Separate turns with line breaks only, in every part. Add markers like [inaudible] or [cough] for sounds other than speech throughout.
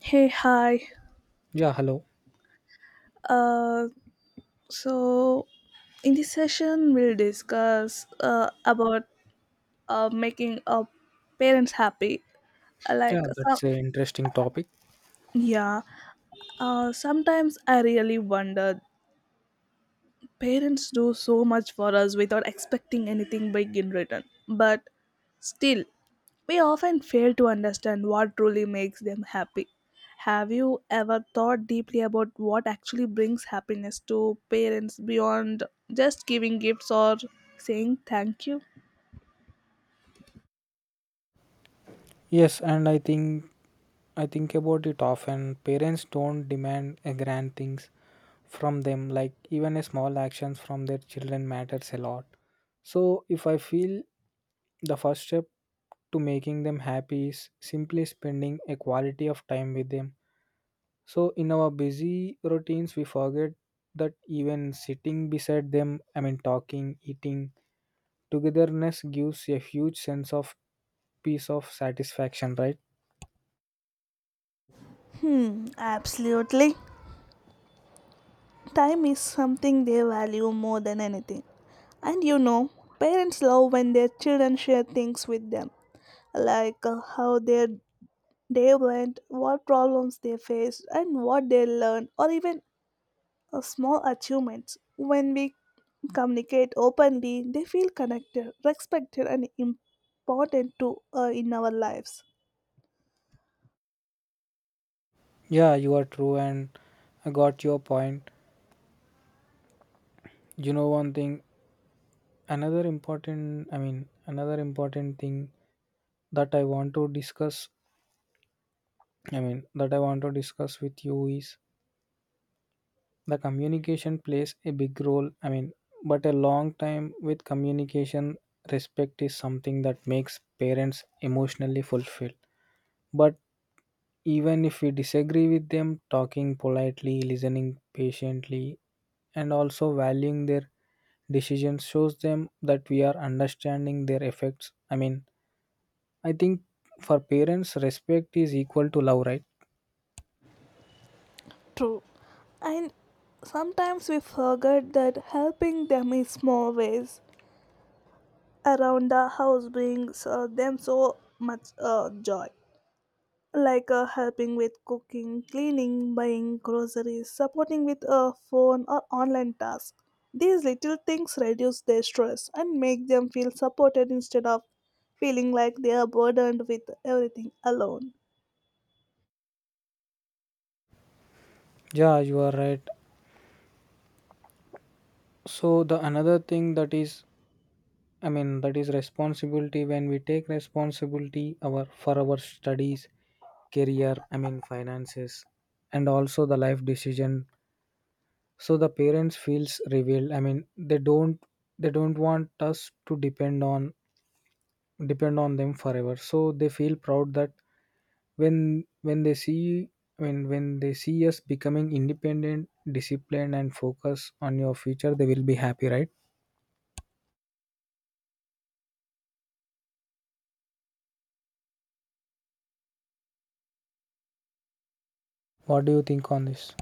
Hey, hi.
Yeah, hello.
Uh, so in this session, we'll discuss about making parents happy. Uh, Like
Yeah,
some,
that's an interesting topic.
yeah. Sometimes I really wonder. Parents do so much for us without expecting anything big in return. But still, we often fail to understand what truly makes them happy. Have you ever thought deeply about what actually brings happiness to parents beyond just giving gifts or saying thank you?
Yes, and I think about it often. Parents don't demand a grand things from them, like even a small actions from their children matters a lot. So if I feel the first step to making them happy is simply spending a quality of time with them. So in our busy routines we forget that even sitting beside them, I mean talking, eating, togetherness gives a huge sense of piece of satisfaction, right?
Hmm, absolutely. Time is something they value more than anything. And you know, parents love when their children share things with them, like how their they went, what problems they faced, and what they learned, or even small achievements. When we communicate openly, they feel connected, respected, and important to in our lives.
Yeah, you are true, and I got your point. You know one thing, another important thing that i want to discuss that I want to discuss with you is the communication plays a big role. I mean, but a long time with communication, respect is something that makes parents emotionally fulfilled. But even if we disagree with them, talking politely, listening patiently, and also valuing their decisions shows them that we are understanding their effects. I mean, I think for parents, respect is equal to love, right?
True, and sometimes we forget that helping them in small ways around the house brings them so much joy. Like helping with cooking, cleaning, buying groceries, supporting with a phone or online task. These little things reduce their stress and make them feel supported instead of feeling like they are burdened with everything alone.
Yeah, you are right. So the another thing that is, I mean, that is responsibility. When we take responsibility our for our studies, career, I mean, finances, and also the life decision, so the parents feels revealed. I mean, they don't want us to depend on them forever, so they feel proud that when when they see when they see us becoming independent, disciplined, and focus on your future, they will be happy, right? What do you think on this?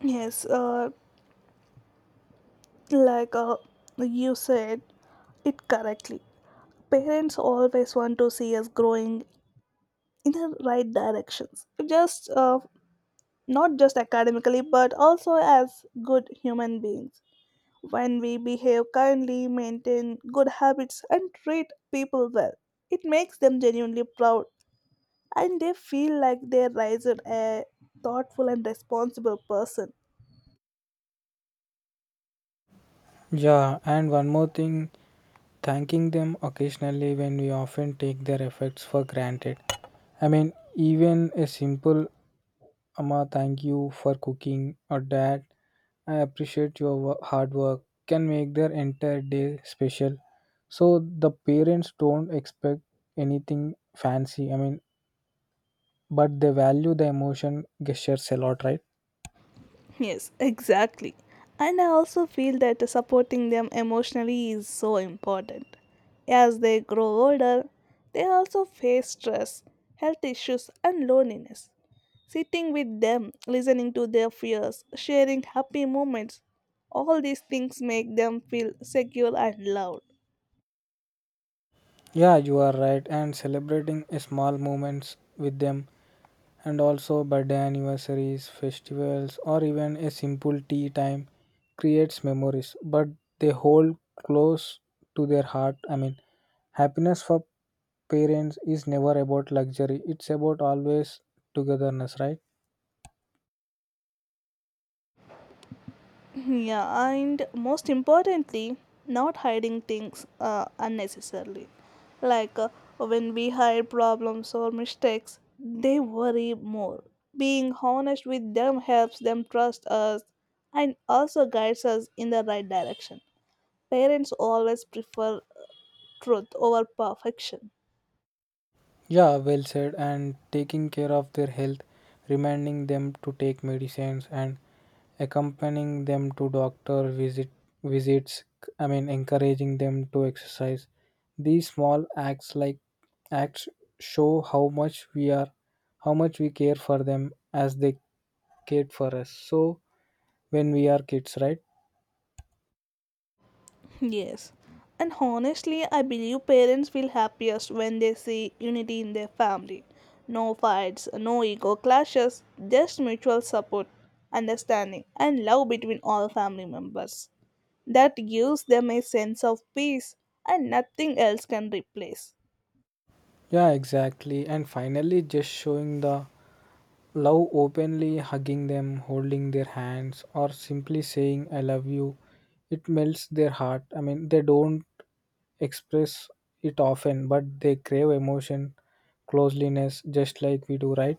Yes, like you said it correctly. Parents always want to see us growing in the right directions, just not just academically, but also as good human beings. When we behave kindly, maintain good habits, and treat people well, it makes them genuinely proud and they feel like they raised a thoughtful and responsible person.
Yeah, and one more thing, thanking them occasionally when we often take their efforts for granted. I mean, even a simple Amma, thank you for cooking. Or Dad, I appreciate your hard work. Can make their entire day special. So the parents don't expect anything fancy. I mean, but they value the emotion gestures a lot, right?
Yes, exactly. And I also feel that supporting them emotionally is so important. As they grow older, they also face stress, health issues, and loneliness. Sitting with them, listening to their fears, sharing happy moments, all these things make them feel secure and loved.
Yeah, you are right. And celebrating small moments with them, and also birthday anniversaries, festivals, or even a simple tea time creates memories, but they hold close to their heart. I mean, happiness for parents is never about luxury, it's about always togetherness, right?
Yeah, and most importantly, not hiding things unnecessarily. Like when we hide problems or mistakes, they worry more. Being honest with them helps them trust us and also guides us in the right direction. Parents always prefer truth over perfection.
Yeah, well said. And taking care of their health, reminding them to take medicines, and accompanying them to doctor visits. I mean, encouraging them to exercise, these small acts show how much we care for them as they cared for us, so when we are kids, right?
Yes. And honestly, I believe parents feel happiest when they see unity in their family. No fights, no ego clashes, just mutual support, understanding, and love between all family members. That gives them a sense of peace and nothing else can replace.
Yeah, exactly. And finally, just showing the love openly, hugging them, holding their hands, or simply saying I love you. It melts their heart. I mean, they don't express it often, but they crave emotion, closeliness, just like we do, right?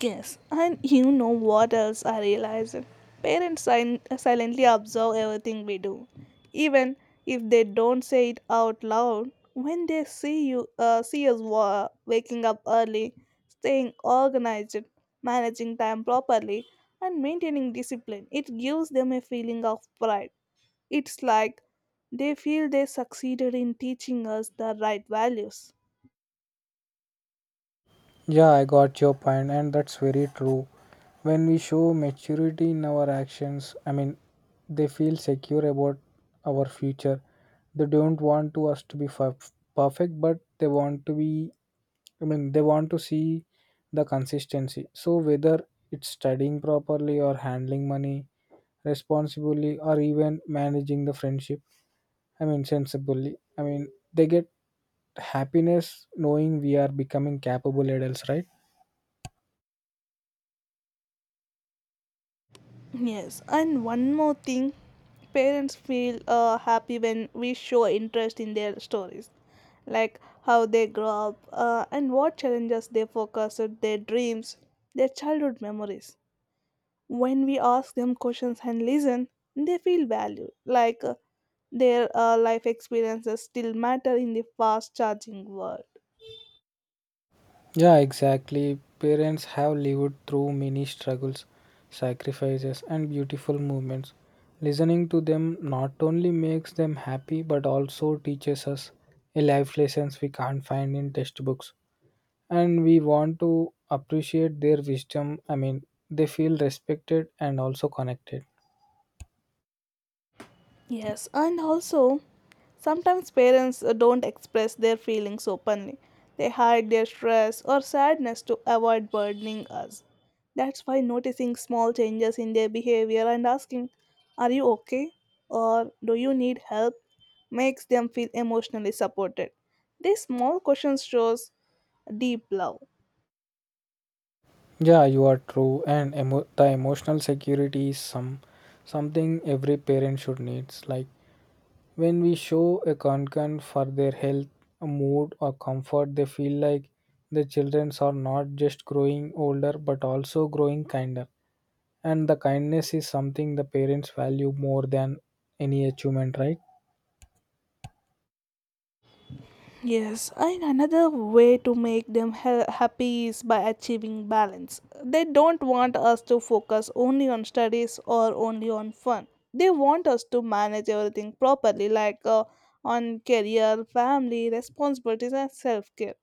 Yes, and you know what else I realized? Parents silently observe everything we do, even if they don't say it out loud. When they see us waking up early, staying organized, managing time properly, and maintaining discipline, it gives them a feeling of pride. It's like they feel they succeeded in teaching us the right values.
Yeah, I got your point, and that's very true. When we show maturity in our actions, I mean, they feel secure about our future. They don't want to us to be perfect, but they want to be. I mean, they want to see the consistency. So whether it's studying properly or handling money responsibly or even managing the friendship, I mean, sensibly. I mean, they get happiness knowing we are becoming capable adults, right?
Yes, and one more thing, parents feel happy when we show interest in their stories, like how they grow up and what challenges they focus on, their dreams, their childhood memories. When we ask them questions and listen, they feel valued, like their life experiences still matter in the fast charging world.
Yeah, exactly. Parents have lived through many struggles, sacrifices, and beautiful moments. Listening to them not only makes them happy but also teaches us a life lessons we can't find in textbooks. And we want to appreciate their wisdom. I mean, they feel respected and also connected.
Yes, and also sometimes parents don't express their feelings openly. They hide their stress or sadness to avoid burdening us. That's why noticing small changes in their behavior and asking, are you okay? Or do you need help? Makes them feel emotionally supported. These small questions shows deep love.
Yeah, you are true. And the emotional security is something every parent should needs. Like when we show a concern for their health, mood, or comfort, they feel like the children are not just growing older but also growing kinder. And the kindness is something the parents value more than any achievement, right?
Yes, and another way to make them happy is by achieving balance. They don't want us to focus only on studies or only on fun. They want us to manage everything properly, like on career, family, responsibilities, and self care.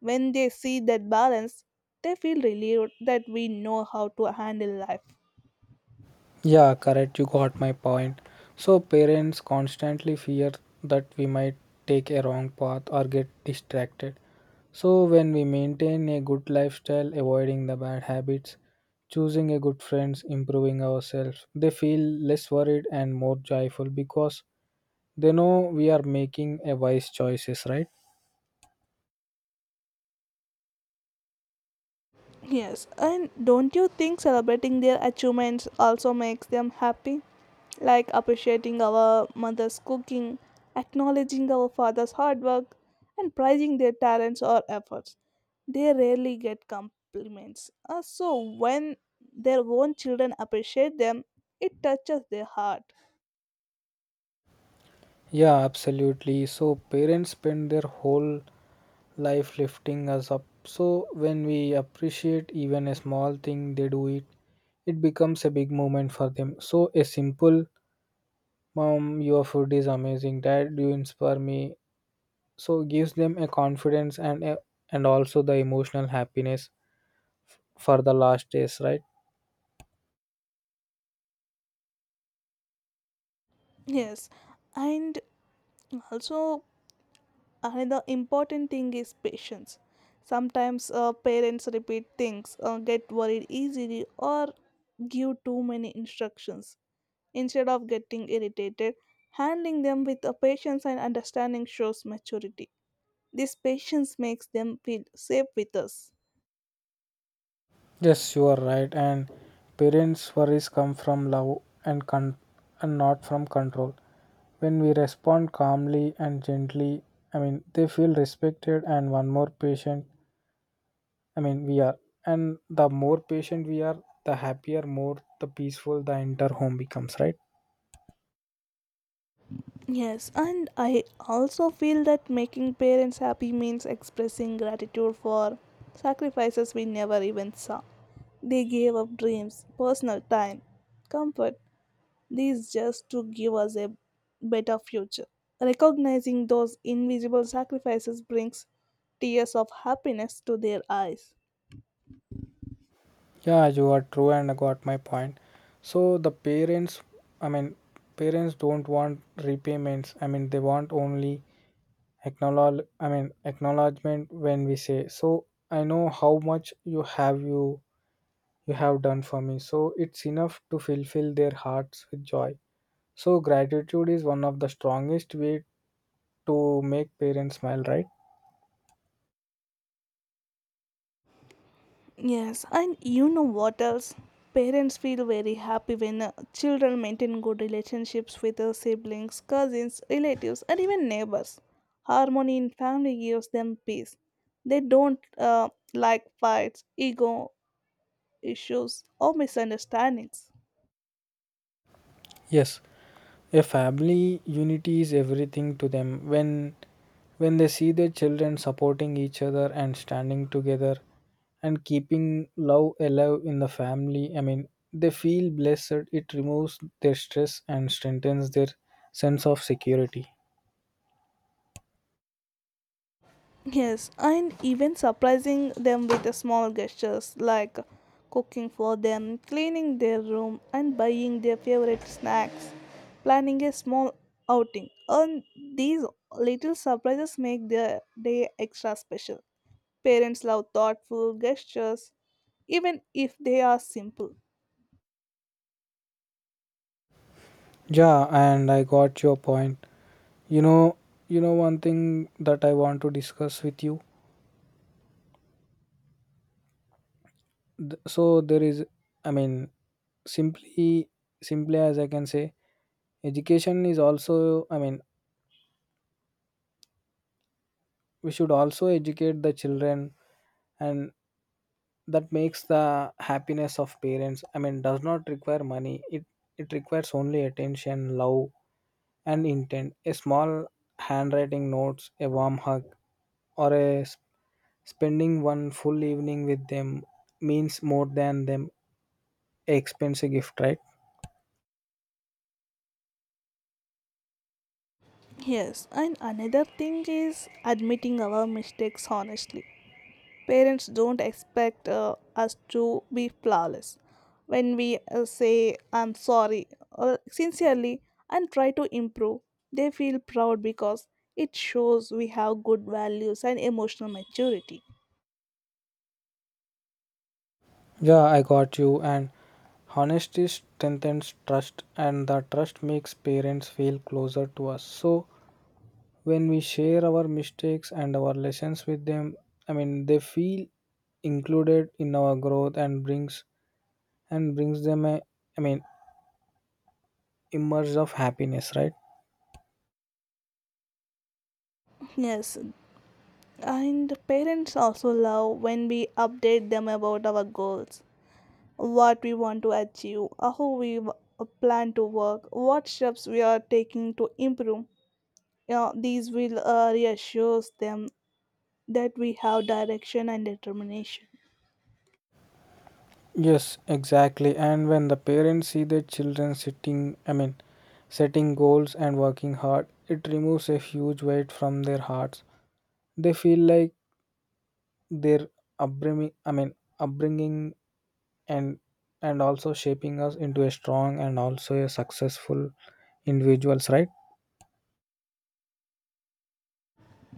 When they see that balance, they feel relieved that we know how to handle life.
Yeah, correct. You got my point. So, parents constantly fear that we might take a wrong path or get distracted. So, when we maintain a good lifestyle, avoiding the bad habits, choosing a good friends, improving ourselves, they feel less worried and more joyful because they know we are making a wise choices, right?
Yes, and don't you think celebrating their achievements also makes them happy? Like appreciating our mother's cooking, acknowledging our father's hard work, and prizing their talents or efforts. They rarely get compliments. So when their own children appreciate them, it touches their heart.
Yeah, absolutely. So, parents spend their whole life lifting us up. So when we appreciate even a small thing they do it, it becomes a big moment for them. So a simple mom, your food is amazing, dad, you inspire me. So gives them a confidence and a, and also the emotional happiness for the last days, right?
Yes, and also another important thing is patience. Sometimes parents repeat things, get worried easily, or give too many instructions instead of getting irritated. Handling them with a patience and understanding shows maturity. This patience makes them feel safe with us.
Yes, you are right. And parents' worries come from love and not from control. When we respond calmly and gently, I mean, they feel respected. And one more patient, I mean, we are. And the more patient we are, the happier, more the peaceful the entire home becomes, right?
Yes, and I also feel that making parents happy means expressing gratitude for sacrifices we never even saw. They gave up dreams, personal time, comfort, these just to give us a better future. Recognizing those invisible sacrifices brings tears of happiness to their eyes.
Yeah, you are true, and I got my point. So the parents, I mean, parents don't want repayments. I mean, they want only acknowledgement. When we say, so I know how much you have done for me, so it's enough to fulfill their hearts with joy. So gratitude is one of the strongest way to make parents smile, right?
Yes, and you know what else? Parents feel very happy when children maintain good relationships with their siblings, cousins, relatives, and even neighbors. Harmony in family gives them peace. They don't like fights, ego issues, or misunderstandings.
Yes, a family unity is everything to them. When they see their children supporting each other and standing together and keeping love alive in the family, I mean, they feel blessed. It removes their stress and strengthens their sense of security.
Yes, and even surprising them with the small gestures like cooking for them, cleaning their room, and buying their favorite snacks, planning a small outing. And these little surprises make their day extra special. Parents love thoughtful gestures, even if they are simple.
Yeah, and I got your point. You know you know one thing that I want to discuss with you. So there is, I mean, simply simply as I can say, education is also, I mean, we should also educate the children. And that makes the happiness of parents. I mean, does not require money, it requires only attention, love, and intent. A small handwriting notes, a warm hug, or a spending one full evening with them means more than them expensive gift, right?
Yes, and another thing is admitting our mistakes honestly. Parents don't expect us to be flawless. When we say I'm sorry or sincerely and try to improve, they feel proud because it shows we have good values and emotional maturity.
Yeah, I got you. And honesty strengthens trust, and the trust makes parents feel closer to us. So when we share our mistakes and our lessons with them, I mean, they feel included in our growth. And brings them a, I mean, immerse of happiness, right?
Yes, and parents also love when we update them about our goals, what we want to achieve, how we plan to work, what steps we are taking to improve. You know, these will reassures them that we have direction and determination.
Yes, exactly. And when the parents see their children sitting I mean setting goals and working hard, it removes a huge weight from their hearts. They feel like their upbringing I mean upbringing and and also shaping us into a strong and also a successful individuals, right?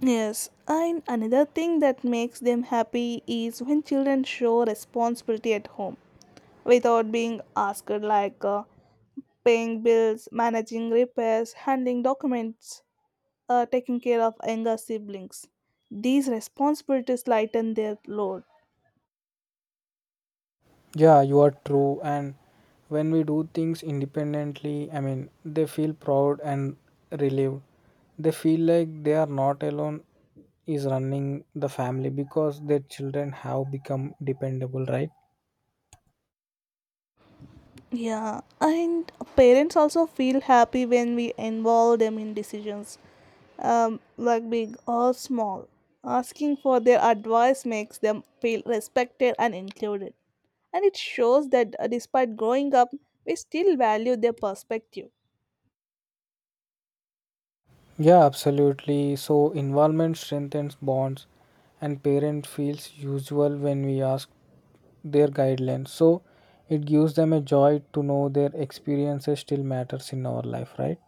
Yes, and another thing that makes them happy is when children show responsibility at home without being asked, like paying bills, managing repairs, handling documents, taking care of younger siblings. These responsibilities lighten their load.
Yeah, you are true. And when we do things independently, I mean, they feel proud and relieved. They feel like they are not alone is running the family because their children have become dependable, right?
Yeah, and parents also feel happy when we involve them in decisions, like big or small. Asking for their advice makes them feel respected and included. And it shows that despite growing up, we still value their perspective.
Yeah, absolutely. So involvement strengthens bonds and parent feels usual when we ask their guidelines. So it gives them a joy to know their experiences still matters in our life, right?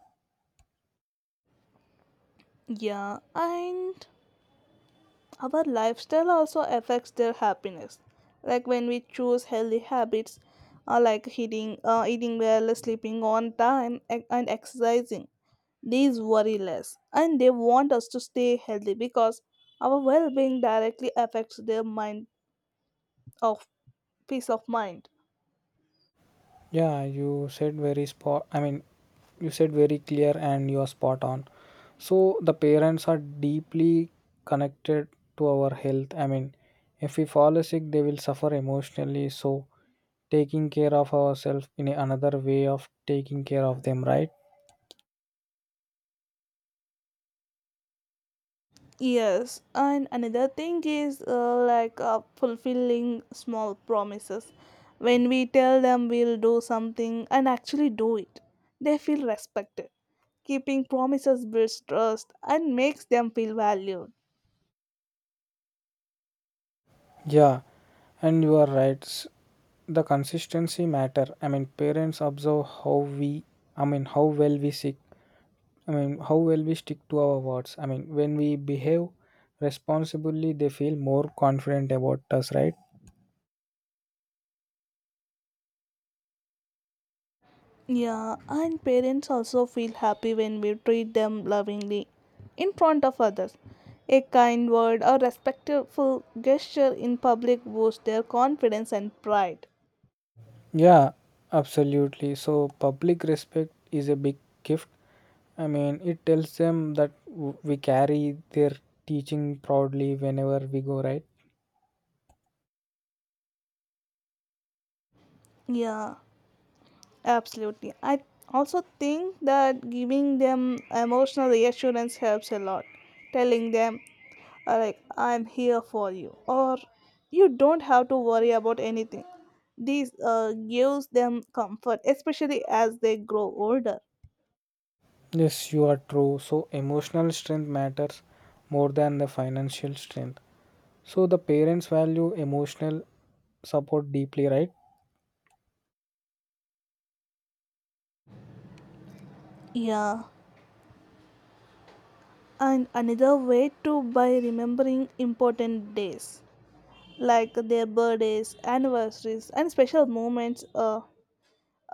Yeah, and our lifestyle also affects their happiness. Like when we choose healthy habits, like eating well, sleeping on time, and exercising, these worry less, and they want us to stay healthy because our well-being directly affects their mind of peace of mind.
Yeah, you said very spot. I mean, you said very clear and you are spot on. So, the parents are deeply connected to our health. I mean, if we fall sick, they will suffer emotionally. So, taking care of ourselves in another way of taking care of them, right?
Yes, and another thing is fulfilling small promises. When we tell them we'll do something and actually do it, they feel respected. Keeping promises builds trust and makes them feel valued.
Yeah, and you are right. The consistency matter. I mean, parents observe how we, I mean, how well we sick I mean, how well we stick to our words. I mean, when we behave responsibly, they feel more confident about us, right?
Yeah, and parents also feel happy when we treat them lovingly in front of others. A kind word or respectful gesture in public boosts their confidence and pride.
Yeah, absolutely. So, public respect is a big gift. I mean, it tells them that we carry their teaching proudly whenever we go, right?
Yeah, absolutely. I also think that giving them emotional reassurance helps a lot. Telling them, like, I'm here for you, or you don't have to worry about anything. This gives them comfort, especially as they grow older.
Yes, you are true. So, emotional strength matters more than the financial strength. So, the parents value emotional support deeply, right?
Yeah. And another way to by remembering important days like their birthdays, anniversaries, and special moments. Uh,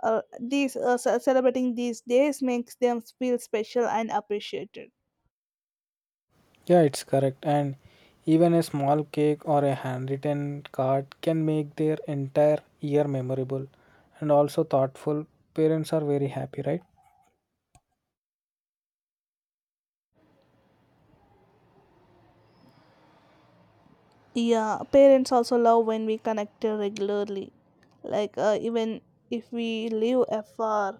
Uh, these uh, ce- Celebrating these days makes them feel special and appreciated.
Yeah, it's correct. And even a small cake or a handwritten card can make their entire year memorable and also thoughtful. Parents are very happy, right?
Yeah, parents also love when we connect regularly. Like even if we live afar,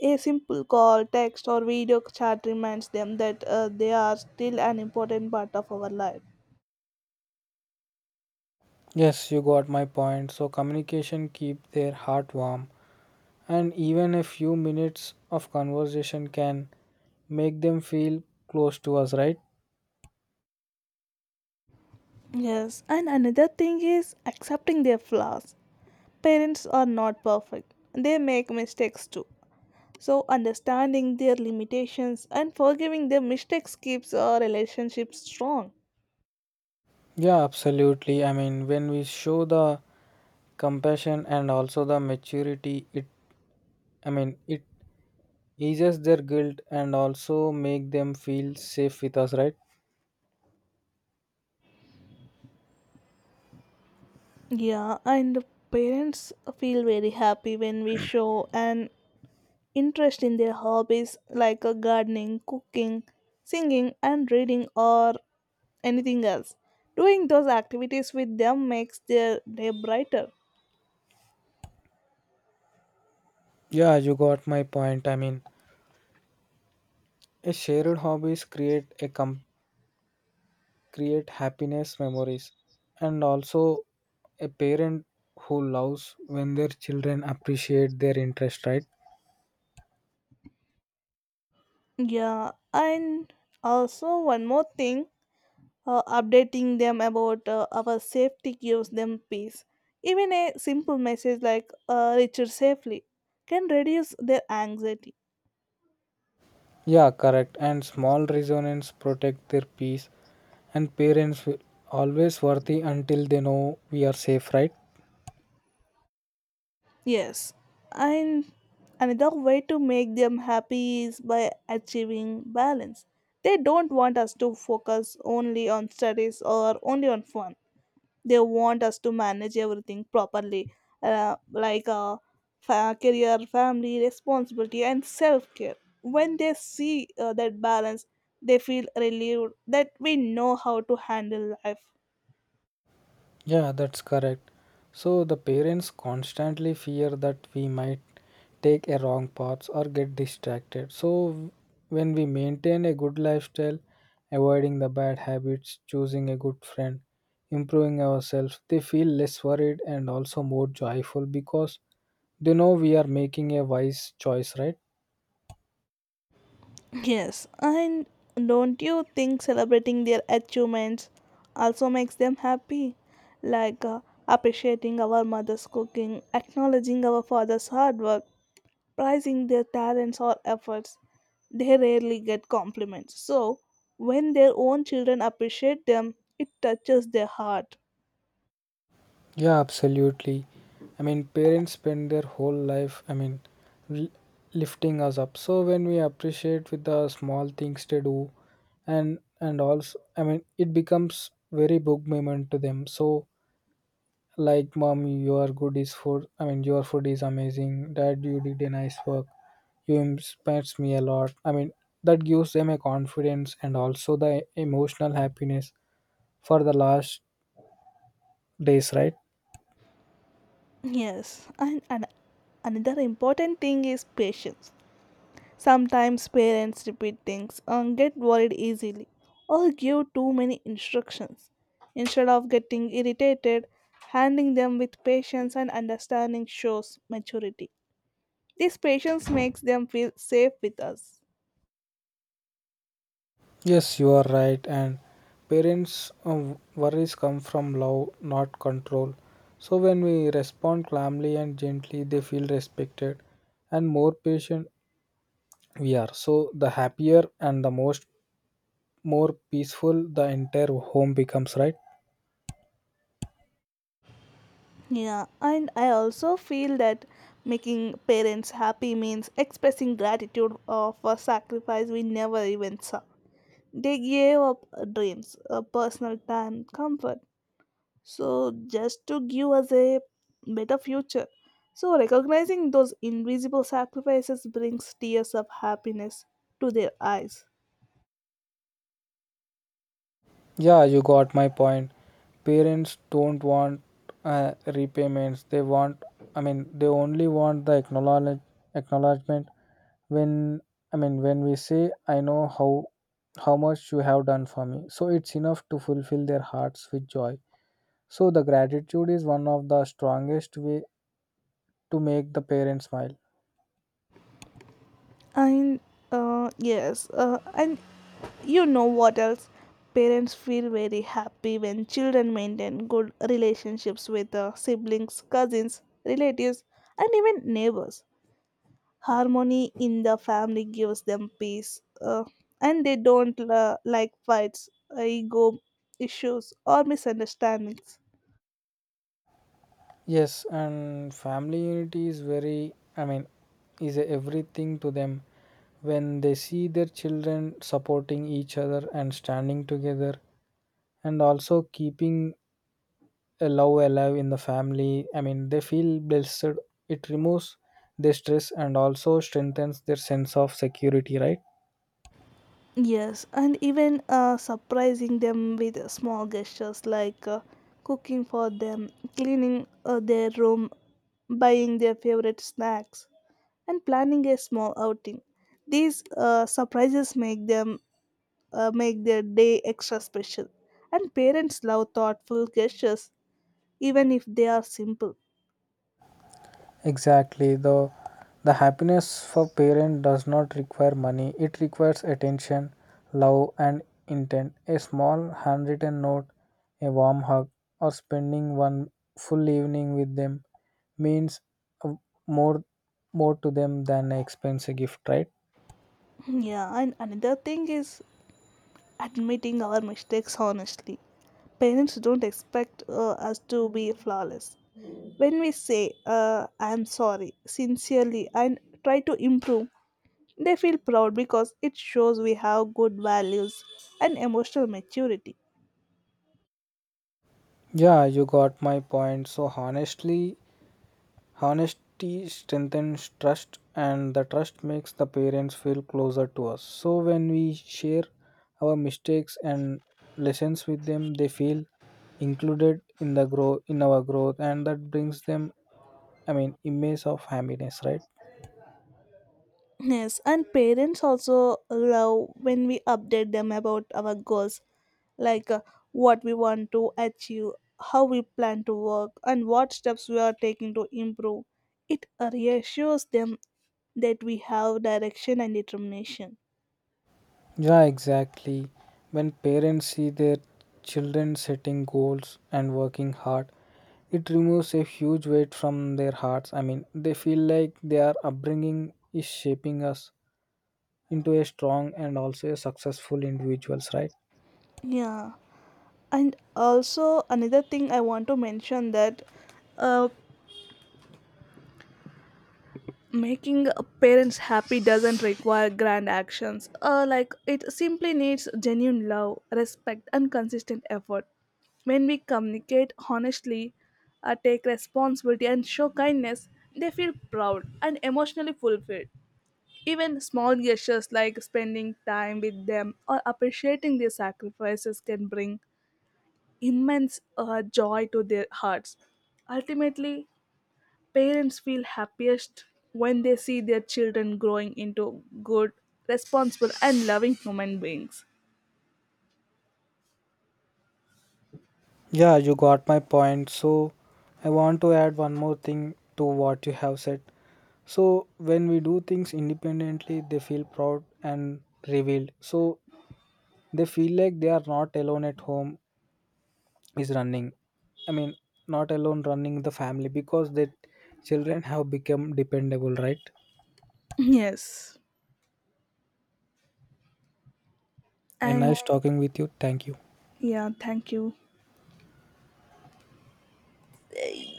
a simple call, text, or video chat reminds them that they are still an important part of our life.
Yes, you got my point. So communication keep their heart warm and even a few minutes of conversation can make them feel close to us, right?
Yes, and another thing is accepting their flaws. Parents are not perfect, they make mistakes too. So, understanding their limitations and forgiving their mistakes keeps our relationship strong.
Yeah, absolutely. I mean, when we show the compassion and also the maturity, it eases their guilt and also make them feel safe with us, right?
Yeah, and parents feel very happy when we show an interest in their hobbies like gardening, cooking, singing, and reading, or anything else. Doing those activities with them makes their day brighter.
Yeah, you got my point. I mean, a shared hobbies create happiness memories and also a parent who loves when their children appreciate their interest, right?
Yeah, and also one more thing, updating them about our safety gives them peace. Even a simple message like return safely can reduce their anxiety.
Yeah, correct. And small resonance protect their peace and parents will always worthy until they know we are safe, right?
Yes, and another way to make them happy is by achieving balance. They don't want us to focus only on studies or only on fun. They want us to manage everything properly, like career, family, responsibility, and self-care. When they see that balance, they feel relieved that we know how to handle life.
Yeah, that's correct. So the parents constantly fear that we might take a wrong path or get distracted. So when we maintain a good lifestyle, avoiding the bad habits, choosing a good friend, improving ourselves, they feel less worried and also more joyful because they know we are making a wise choice, right?
Yes, and don't you think celebrating their achievements also makes them happy? Like appreciating our mother's cooking, acknowledging our father's hard work, prizing their talents or efforts, they rarely get compliments. So, when their own children appreciate them, it touches their heart.
Yeah, absolutely. I mean, parents spend their whole life, I mean, l- lifting us up. So when we appreciate with the small things they do, and also, I mean, it becomes very big moment to them. So like, mom, your good is food. I mean, your food is amazing. Dad, you did a nice work. You inspires me a lot. I mean, that gives them a confidence and also the emotional happiness for the last days, right?
Yes, and another important thing is patience. Sometimes parents repeat things and get worried easily or give too many instructions. Instead of getting irritated, handling them with patience and understanding shows maturity. This patience makes them feel safe with us.
Yes, you are right. And parents' worries come from love, not control. So when we respond calmly and gently, they feel respected, and more patient we are. So the happier and the most more peaceful the entire home becomes, right?
Yeah, and I also feel that making parents happy means expressing gratitude for sacrifice we never even saw. They gave up dreams, personal time, comfort, so just to give us a better future. So recognizing those invisible sacrifices brings tears of happiness to their eyes.
Yeah, you got my point. Parents don't want repayments. They want. I mean, they only want the acknowledgement when, I mean, when we say I know how much you have done for me, so it's enough to fulfill their hearts with joy. So the gratitude is one of the strongest way to make the parents smile.
And yes, and you know what else? Parents feel very happy when children maintain good relationships with siblings, cousins, relatives, and even neighbors. Harmony in the family gives them peace, and they don't like fights, ego issues, or misunderstandings.
Yes, and family unity is very I mean is everything to them. When they see their children supporting each other and standing together and also keeping a love alive in the family. I mean, they feel blessed. It removes their stress and also strengthens their sense of security, right?
Yes, and even surprising them with small gestures like cooking for them, cleaning their room, buying their favorite snacks, and planning a small outing. These surprises make their day extra special. And parents love thoughtful gestures even if they are simple.
Exactly. The happiness for parent does not require money. It requires attention, love, and intent. A small handwritten note, a warm hug, or spending one full evening with them means uh, more more to them than an expensive gift, right?
[laughs] Yeah, and another thing is admitting our mistakes honestly. Parents don't expect us to be flawless. When we say, I'm sorry, sincerely, and try to improve, they feel proud because it shows we have good values and emotional maturity.
Yeah, you got my point. So honestly, honesty strengthens trust, and the trust makes the parents feel closer to us. So, when we share our mistakes and lessons with them, they feel included in the grow in our growth, and that brings them, I mean, image of happiness, right?
Yes, and parents also love when we update them about our goals, like what we want to achieve, how we plan to work, and what steps we are taking to improve. It reassures them that we have direction and determination.
Yeah, exactly. When parents see their children setting goals and working hard, it removes a huge weight from their hearts. I mean, they feel like their upbringing is shaping us into a strong and also a successful individuals, right?
Yeah, and also another thing I want to mention that uh, making parents happy doesn't require grand actions, like it simply needs genuine love, respect, and consistent effort. When we communicate honestly, take responsibility and show kindness, they feel proud and emotionally fulfilled. Even small gestures like spending time with them or appreciating their sacrifices can bring immense joy to their hearts. Ultimately, parents feel happiest when they see their children growing into good, responsible, and loving human beings.
Yeah, you got my point. So I want to add one more thing to what you have said. So when we do things independently, they feel proud and revealed. So they feel like they are not alone at home is running I mean not alone running the family because the children have become dependable, right?
Yes.
And
And
nice talking with you, thank you.
yeah, thank you.